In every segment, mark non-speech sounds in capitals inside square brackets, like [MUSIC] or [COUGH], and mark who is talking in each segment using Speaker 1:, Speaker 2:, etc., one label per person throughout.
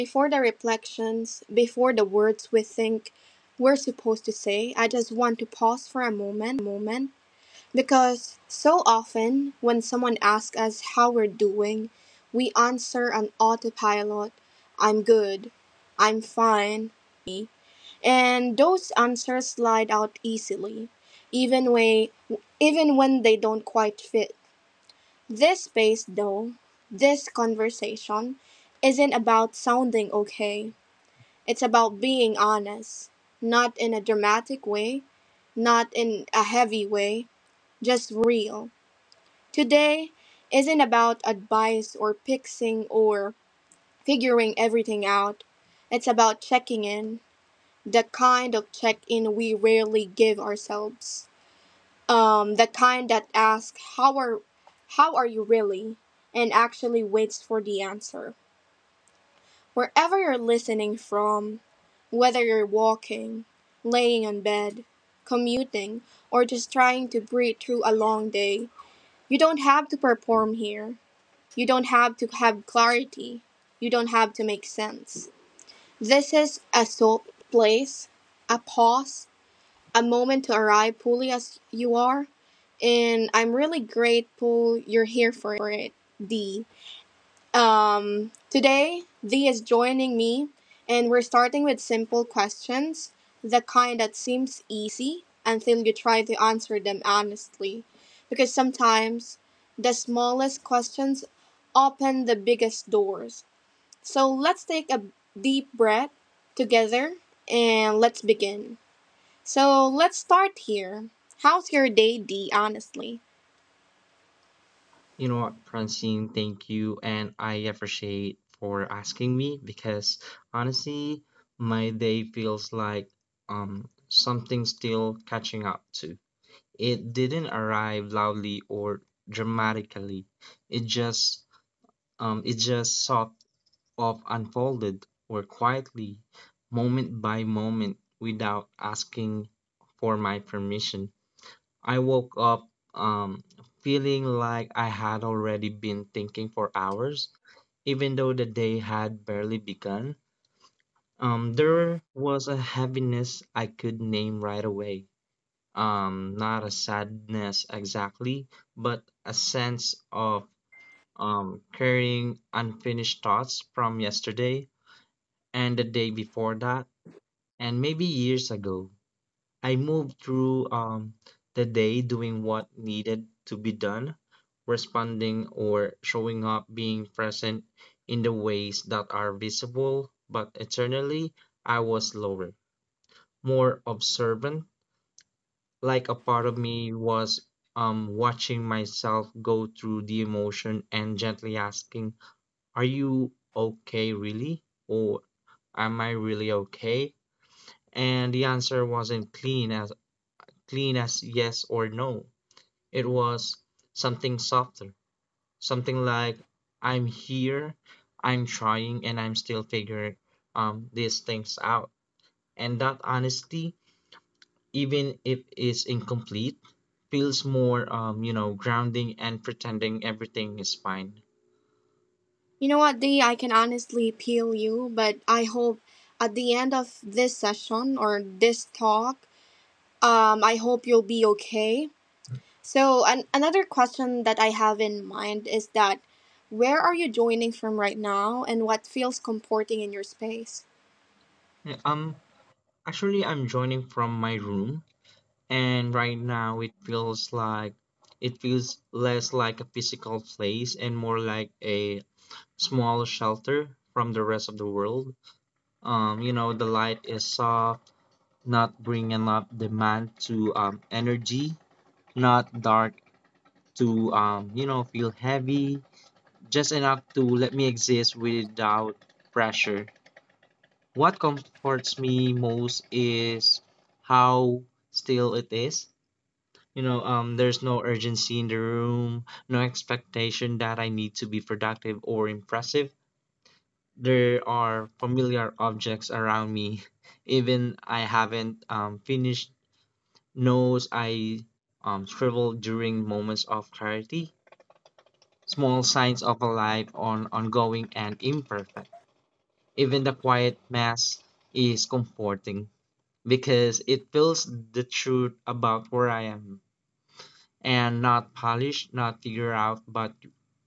Speaker 1: before the reflections, before the words we think we're supposed to say, I just want to pause for a moment because so often when someone asks us how we're doing, we answer on autopilot. I'm good, I'm fine, busy, and those answers slide out easily, even, way, even when they don't quite fit. This space, though, this conversation, isn't about sounding okay. It's about being honest. Not in a dramatic way, not in a heavy way, just real. Today isn't about advice or fixing or figuring everything out. It's about checking in, the kind of check in we rarely give ourselves. The kind that asks how are you really and actually waits for the answer. Wherever you're listening from, whether you're walking, laying on bed, commuting, or just trying to breathe through a long day, you don't have to perform here. You don't have to have clarity. You don't have to make sense. This is a soul place, a pause, a moment to arrive poorly as you are, and I'm really grateful you're here for it, Dee. Today, Dee is joining me, and we're starting with simple questions, the kind that seems easy until you try to answer them honestly. Because sometimes the smallest questions open the biggest doors. So let's take a deep breath together and let's begin. So let's start here. How's your day, Dee, honestly?
Speaker 2: You know what, Francine, thank you. And I appreciate for asking me because honestly, my day feels like something still catching up to. It didn't arrive loudly or dramatically. It just sort of unfolded or quietly, moment by moment, without asking for my permission. I woke up feeling like I had already been thinking for hours, even though the day had barely begun. There was a heaviness I could name right away. Not a sadness exactly, but a sense of carrying unfinished thoughts from yesterday and the day before that, and maybe years ago. I moved through the day doing what needed to be done, responding or showing up, being present in the ways that are visible, but internally I was slower, more observant, like a part of me was watching myself go through the emotion and gently asking, are you okay, really? Or am I really okay? And the answer wasn't clean as yes or no. It was something softer, something like I'm here, I'm trying, and I'm still figuring these things out. And that honesty, even if it's incomplete, feels more grounding and pretending everything is fine.
Speaker 1: You know what, Dee, I can honestly peel you, but I hope at the end of this session or this talk, I hope you'll be okay. So, another question that I have in mind is that where are you joining from right now and what feels comforting in your space?
Speaker 2: Yeah. Actually, I'm joining from my room, and right now it feels less like a physical place and more like a small shelter from the rest of the world. The light is soft, not bringing up demand to energy, not dark to, feel heavy, just enough to let me exist without pressure. What comforts me most is how still it is. There's no urgency in the room, no expectation that I need to be productive or impressive. There are familiar objects around me, [LAUGHS] even I haven't finished notes I scribbled during moments of clarity. Small signs of a life on ongoing and imperfect. Even the quiet mass is comforting because it feels the truth about where I am and not polished, not figured out, but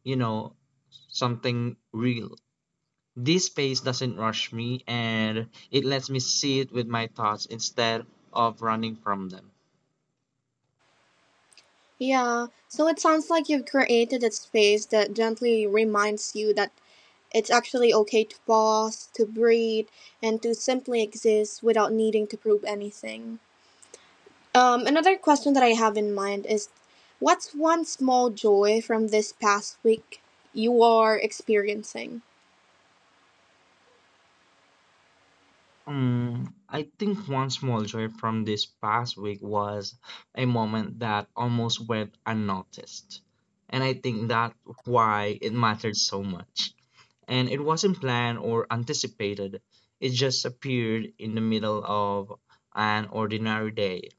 Speaker 2: you know something real. This space doesn't rush me and it lets me sit with my thoughts instead of running from them.
Speaker 1: Yeah, so it sounds like you've created a space that gently reminds you that it's actually okay to pause, to breathe, and to simply exist without needing to prove anything. Another question that I have in mind is what's one small joy from this past week you are experiencing?
Speaker 2: I think one small joy from this past week was a moment that almost went unnoticed. And I think that's why it mattered so much. And it wasn't planned or anticipated, it just appeared in the middle of an ordinary day.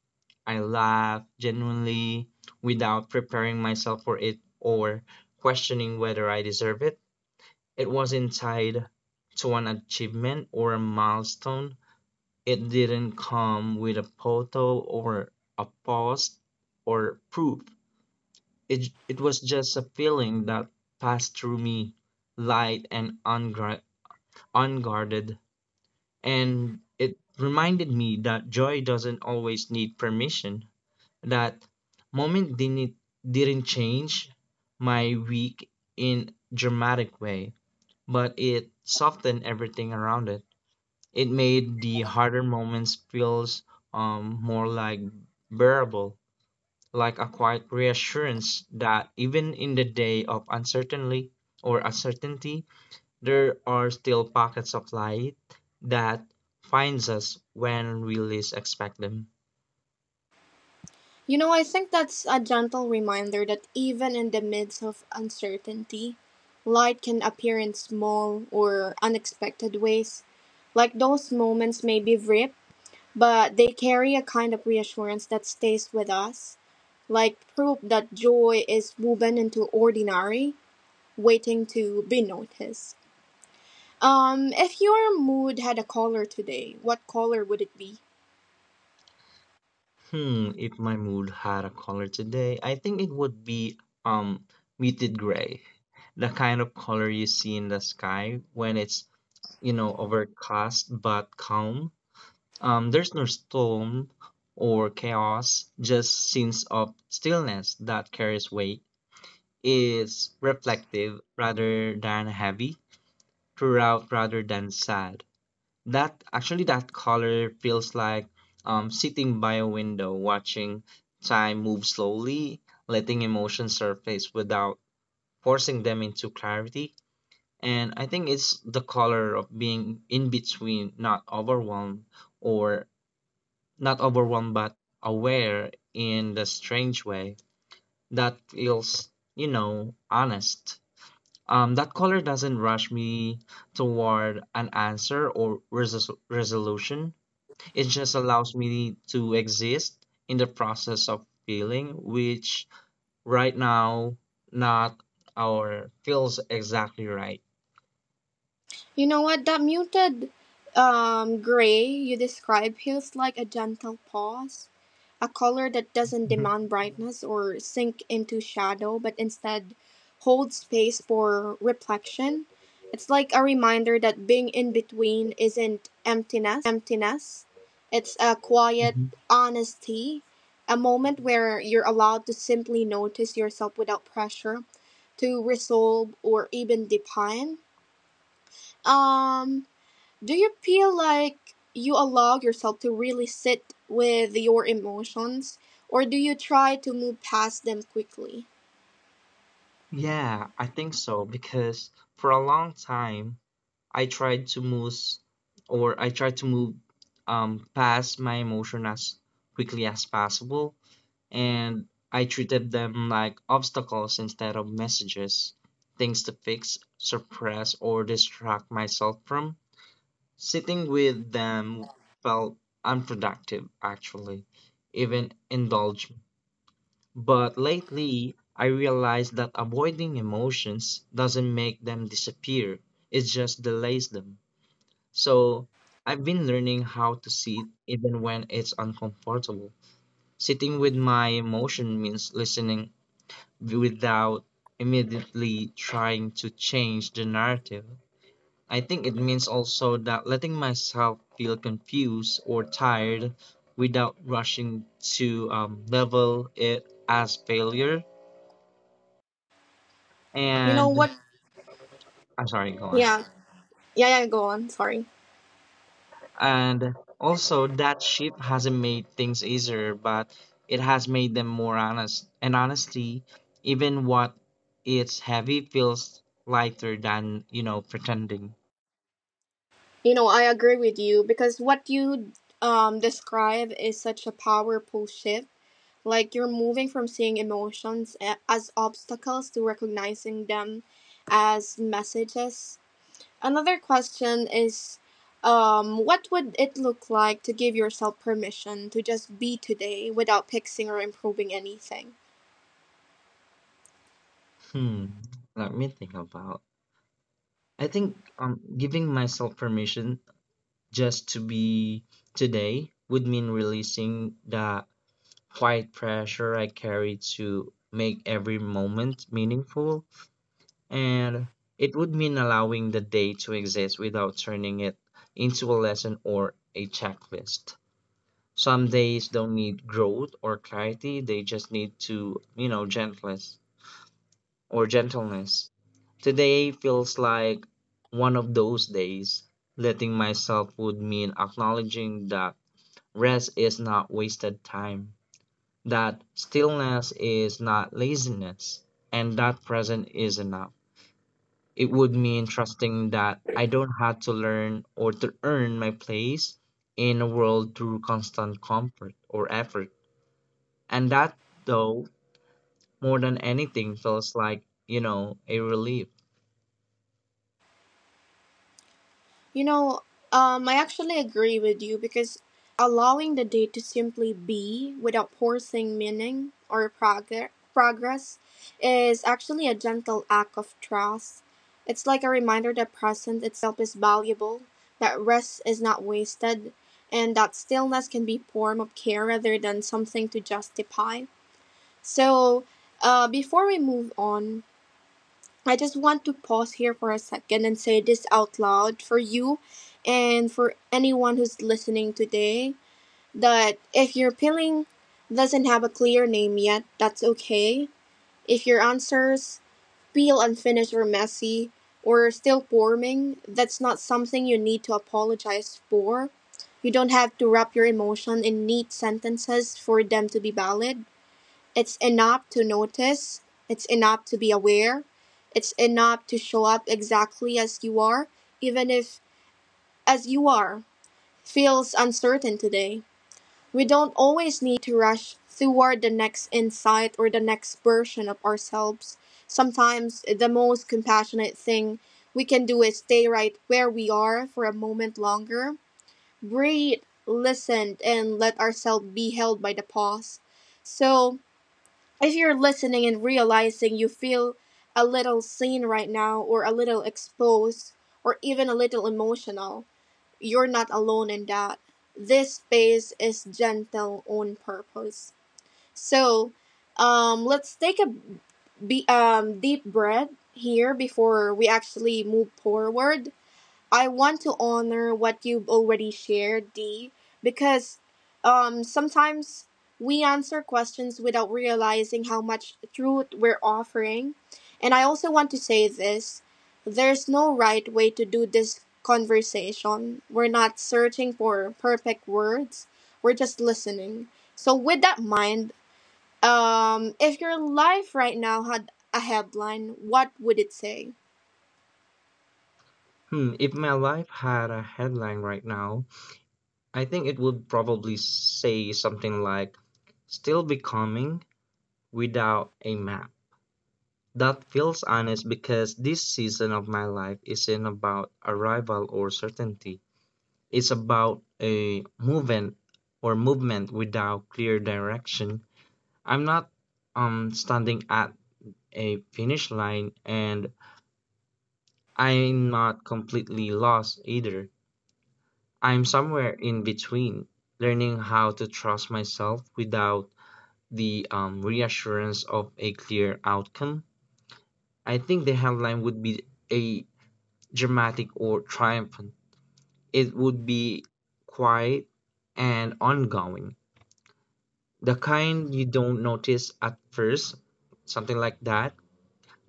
Speaker 2: I laugh genuinely without preparing myself for it or questioning whether I deserve it. It wasn't tied to an achievement or a milestone. It didn't come with a photo or a post or proof. It was just a feeling that passed through me, light and unguarded. And it reminded me that joy doesn't always need permission that moment didn't change my week in dramatic way, but it softened everything around it. It made the harder moments feels more like bearable, like a quiet reassurance that even in the day of uncertainty or uncertainty, there are still pockets of light that finds us when we least expect them.
Speaker 1: You know, I think that's a gentle reminder that even in the midst of uncertainty, light can appear in small or unexpected ways. Like those moments may be brief, but they carry a kind of reassurance that stays with us. Like proof that joy is woven into ordinary, waiting to be noticed. If your mood had a color today, what color would it be?
Speaker 2: Hmm, if my mood had a color today, I think it would be um muted gray. The kind of color you see in the sky when it's, you know, overcast but calm. There's no storm or chaos, just sense of stillness that carries weight. Is reflective rather than heavy, throughout rather than sad. That actually that color feels like sitting by a window watching time move slowly, letting emotions surface without forcing them into clarity. And I think it's the color of being in between, not overwhelmed or not overwhelmed but aware in the strange way that feels, you know, honest. That color doesn't rush me toward an answer or resolution it just allows me to exist in the process of feeling, which right now not our feels exactly right.
Speaker 1: You know what? That muted gray you describe feels like a gentle pause, a color that doesn't
Speaker 2: Mhm,
Speaker 1: demand brightness or sink into shadow, but instead holds space for reflection. It's like a reminder that being in between isn't emptiness, it's a quiet
Speaker 2: mhm.
Speaker 1: honesty, a moment where you're allowed to simply notice yourself without pressure to resolve or even define. Um, do you feel like you allow yourself to really sit with your emotions, or do you try to move past them quickly?
Speaker 2: Yeah, I think so because for a long time I tried to move or I tried to move past my emotion as quickly as possible and I treated them like obstacles instead of messages, things to fix, suppress or distract myself from. Sitting with them felt unproductive actually, even indulgent. But lately I realized that avoiding emotions doesn't make them disappear, it just delays them. So I've been learning how to sit even when it's uncomfortable. Sitting with my emotion means listening without immediately trying to change the narrative. I think it means also that letting myself feel confused or tired without rushing to level it as failure.
Speaker 1: You know
Speaker 2: And
Speaker 1: what?
Speaker 2: I'm sorry, go on.
Speaker 1: Yeah, yeah, yeah, go on, sorry.
Speaker 2: And also, that shift hasn't made things easier, but it has made them more honest. And honestly, even what it's heavy feels lighter than, you know, pretending.
Speaker 1: You know, I agree with you because what you describe is such a powerful shift. Like you're moving from seeing emotions as obstacles to recognizing them as messages. Another question is, what would it look like to give yourself permission to just be today without fixing or improving anything?
Speaker 2: Hmm, let me think about. I think giving myself permission just to be today would mean releasing the quiet pressure I carry to make every moment meaningful. And it would mean allowing the day to exist without turning it into a lesson or a checklist. Some days don't need growth or clarity, they just need to, you know, gentleness or gentleness. Today feels like one of those days. Letting myself would mean acknowledging that rest is not wasted time. That stillness is not laziness. And that present is enough. It would mean trusting that I don't have to learn or to earn my place in the world through constant comfort or effort. And that, though, more than anything, feels like, you know, a relief.
Speaker 1: You know, I actually agree with you because allowing the day to simply be without forcing meaning or progress is actually a gentle act of trust. It's like a reminder that present itself is valuable, that rest is not wasted, and that stillness can be form of care rather than something to justify. So, before we move on, I just want to pause here for a second and say this out loud for you and for anyone who's listening today that if your peeling doesn't have a clear name yet, that's okay. If your answers feel unfinished or messy or still forming, that's not something you need to apologize for. You don't have to wrap your emotion in neat sentences for them to be valid. It's enough to notice, it's enough to be aware, it's enough to show up exactly as you are, even if as you are feels uncertain today. We don't always need to rush toward the next insight or the next version of ourselves. Sometimes the most compassionate thing we can do is stay right where we are for a moment longer, breathe, listen, and let ourselves be held by the pause. So, if you're listening and realizing you feel a little seen right now or a little exposed or even a little emotional, you're not alone in that. This space is gentle on purpose. So, let's take a deep breath here before we actually move forward. I want to honor what you've already shared, D, because sometimes we answer questions without realizing how much truth we're offering. And I also want to say this: there's no right way to do this conversation. We're not searching for perfect words, we're just listening. So, with that mind, if your life right now had a headline, what would it say?
Speaker 2: Hmm, if my life had a headline right now, I think it would probably say something like, still becoming without a map. That feels honest because this season of my life isn't about arrival or certainty. It's about a movement or movement without clear direction. I'm not standing at a finish line and I'm not completely lost either. I'm somewhere in between, learning how to trust myself without the reassurance of a clear outcome. I think the headline would be a dramatic or triumphant. It would be quiet and ongoing, the kind you don't notice at first, something like that,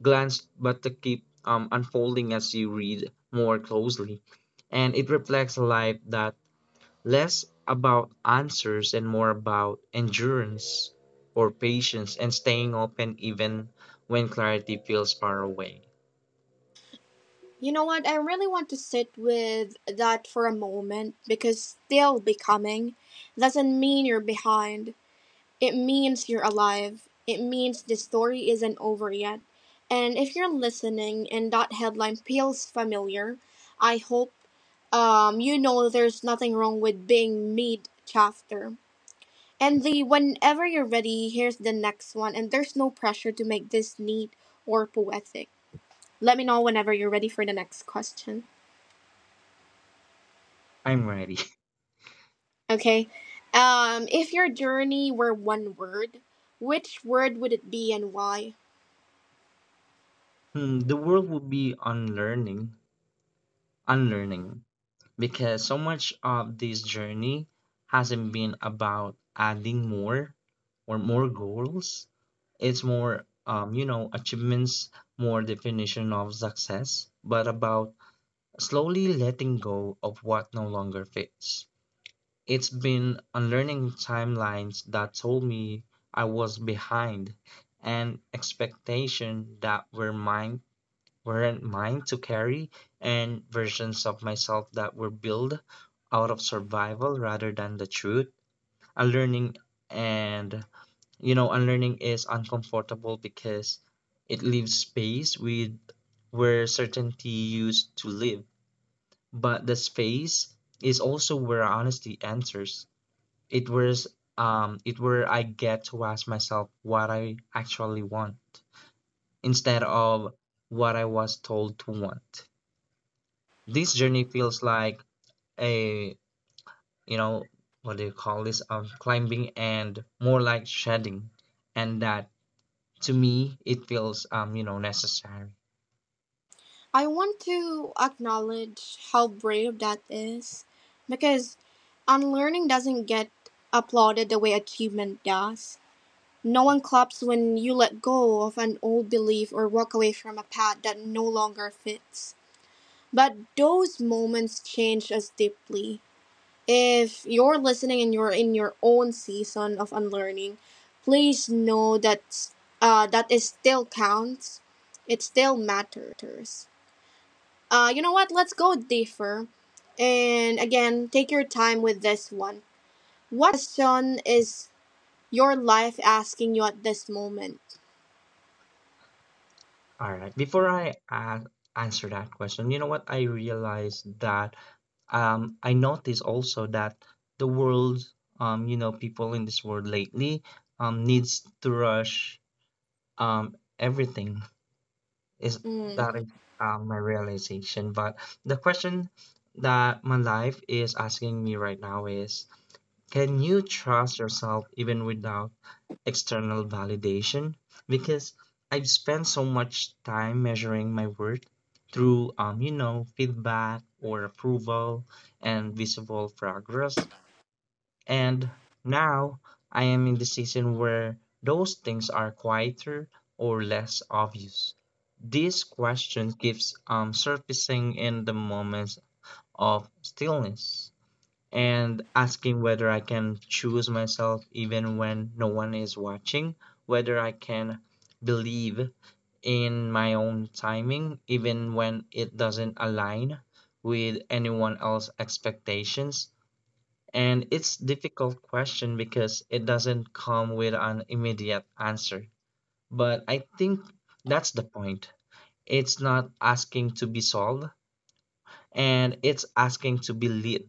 Speaker 2: glance but to keep unfolding as you read more closely. And it reflects a life that less about answers and more about endurance or patience and staying open even when clarity feels far away.
Speaker 1: You know what? I really want to sit with that for a moment because still becoming doesn't mean you're behind. It means you're alive. It means the story isn't over yet. And if you're listening and that headline feels familiar, I hope you know there's nothing wrong with being mid chapter. And the whenever you're ready, here's the next one. And there's no pressure to make this neat or poetic. Let me know whenever you're ready for the next question.
Speaker 2: I'm ready. [LAUGHS]
Speaker 1: Okay. If your journey were one word, which word would it be and why?
Speaker 2: Hmm, the world would be unlearning, unlearning because so much of this journey hasn't been about adding more or more goals. It's more, achievements, more definition of success, but about slowly letting go of what no longer fits. It's been unlearning timelines that told me I was behind and expectation that were mine weren't mine to carry, and versions of myself that were built out of survival rather than the truth. Unlearning and unlearning is uncomfortable because it leaves space with where certainty used to live. But the space is also where honesty enters. It was it where I get to ask myself what I actually want instead of what I was told to want. This journey feels like a you know what do you call this climbing and more like shedding and that to me it feels necessary.
Speaker 1: I want to acknowledge how brave that is because unlearning doesn't get applauded the way achievement does. No one claps when you let go of an old belief or walk away from a path that no longer fits. But those moments change us deeply. If you're listening and you're in your own season of unlearning, please know that that it still counts. It still matters. You know what? Let's go deeper. And again, take your time with this one. What question is your life asking you at this moment?
Speaker 2: All right before answer that question you know what I realized that I noticed also that the world people in this world lately needs to rush everything is
Speaker 1: Mm.
Speaker 2: that is my realization. But the question that my life is asking me right now is, can you trust yourself even without external validation? Because I've spent so much time measuring my worth through feedback or approval and visible progress. And now I am in the season where those things are quieter or less obvious. This question keeps surfacing in the moments of stillness and asking whether I can choose myself even when no one is watching, whether I can believe in my own timing even when it doesn't align with anyone else's expectations and it's difficult question because it doesn't come with an immediate answer. But I think that's the point. It's not asking to be solved, and it's asking to be led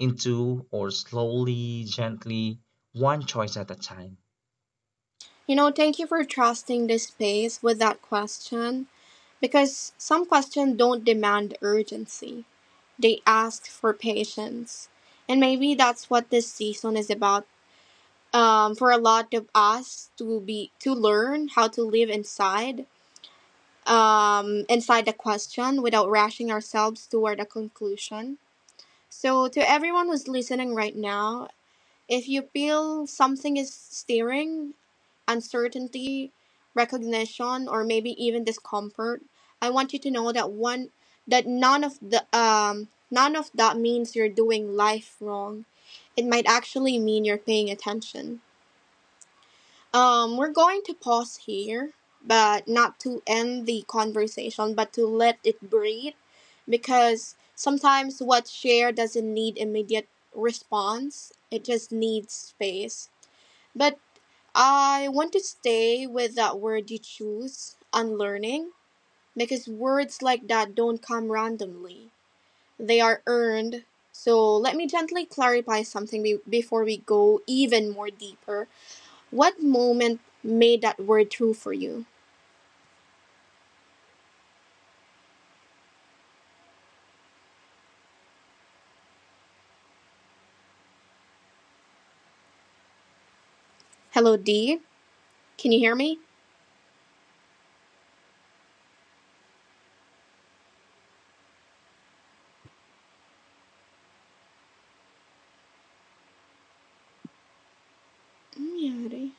Speaker 2: into or slowly, gently, one choice at a time.
Speaker 1: You know, thank you for trusting this space with that question because some questions don't demand urgency. They asked for patience. And maybe that's what this season is about. For a lot of us to be to learn how to live inside inside the question without rushing ourselves toward a conclusion. So to everyone who's listening right now, if you feel something is stirring uncertainty, recognition, or maybe even discomfort, I want you to know that one that none of that means you're doing life wrong. It might actually mean you're paying attention. We're going to pause here, but not to end the conversation, but to let it breathe, because sometimes what's shared doesn't need immediate response. It just needs space. But I want to stay with that word you choose, unlearning, because words like that don't come randomly. They are earned. So let me gently clarify something before we go even more deeper. What moment made that word true for you? Hello, D. Can you hear me? Mm, yeah, D.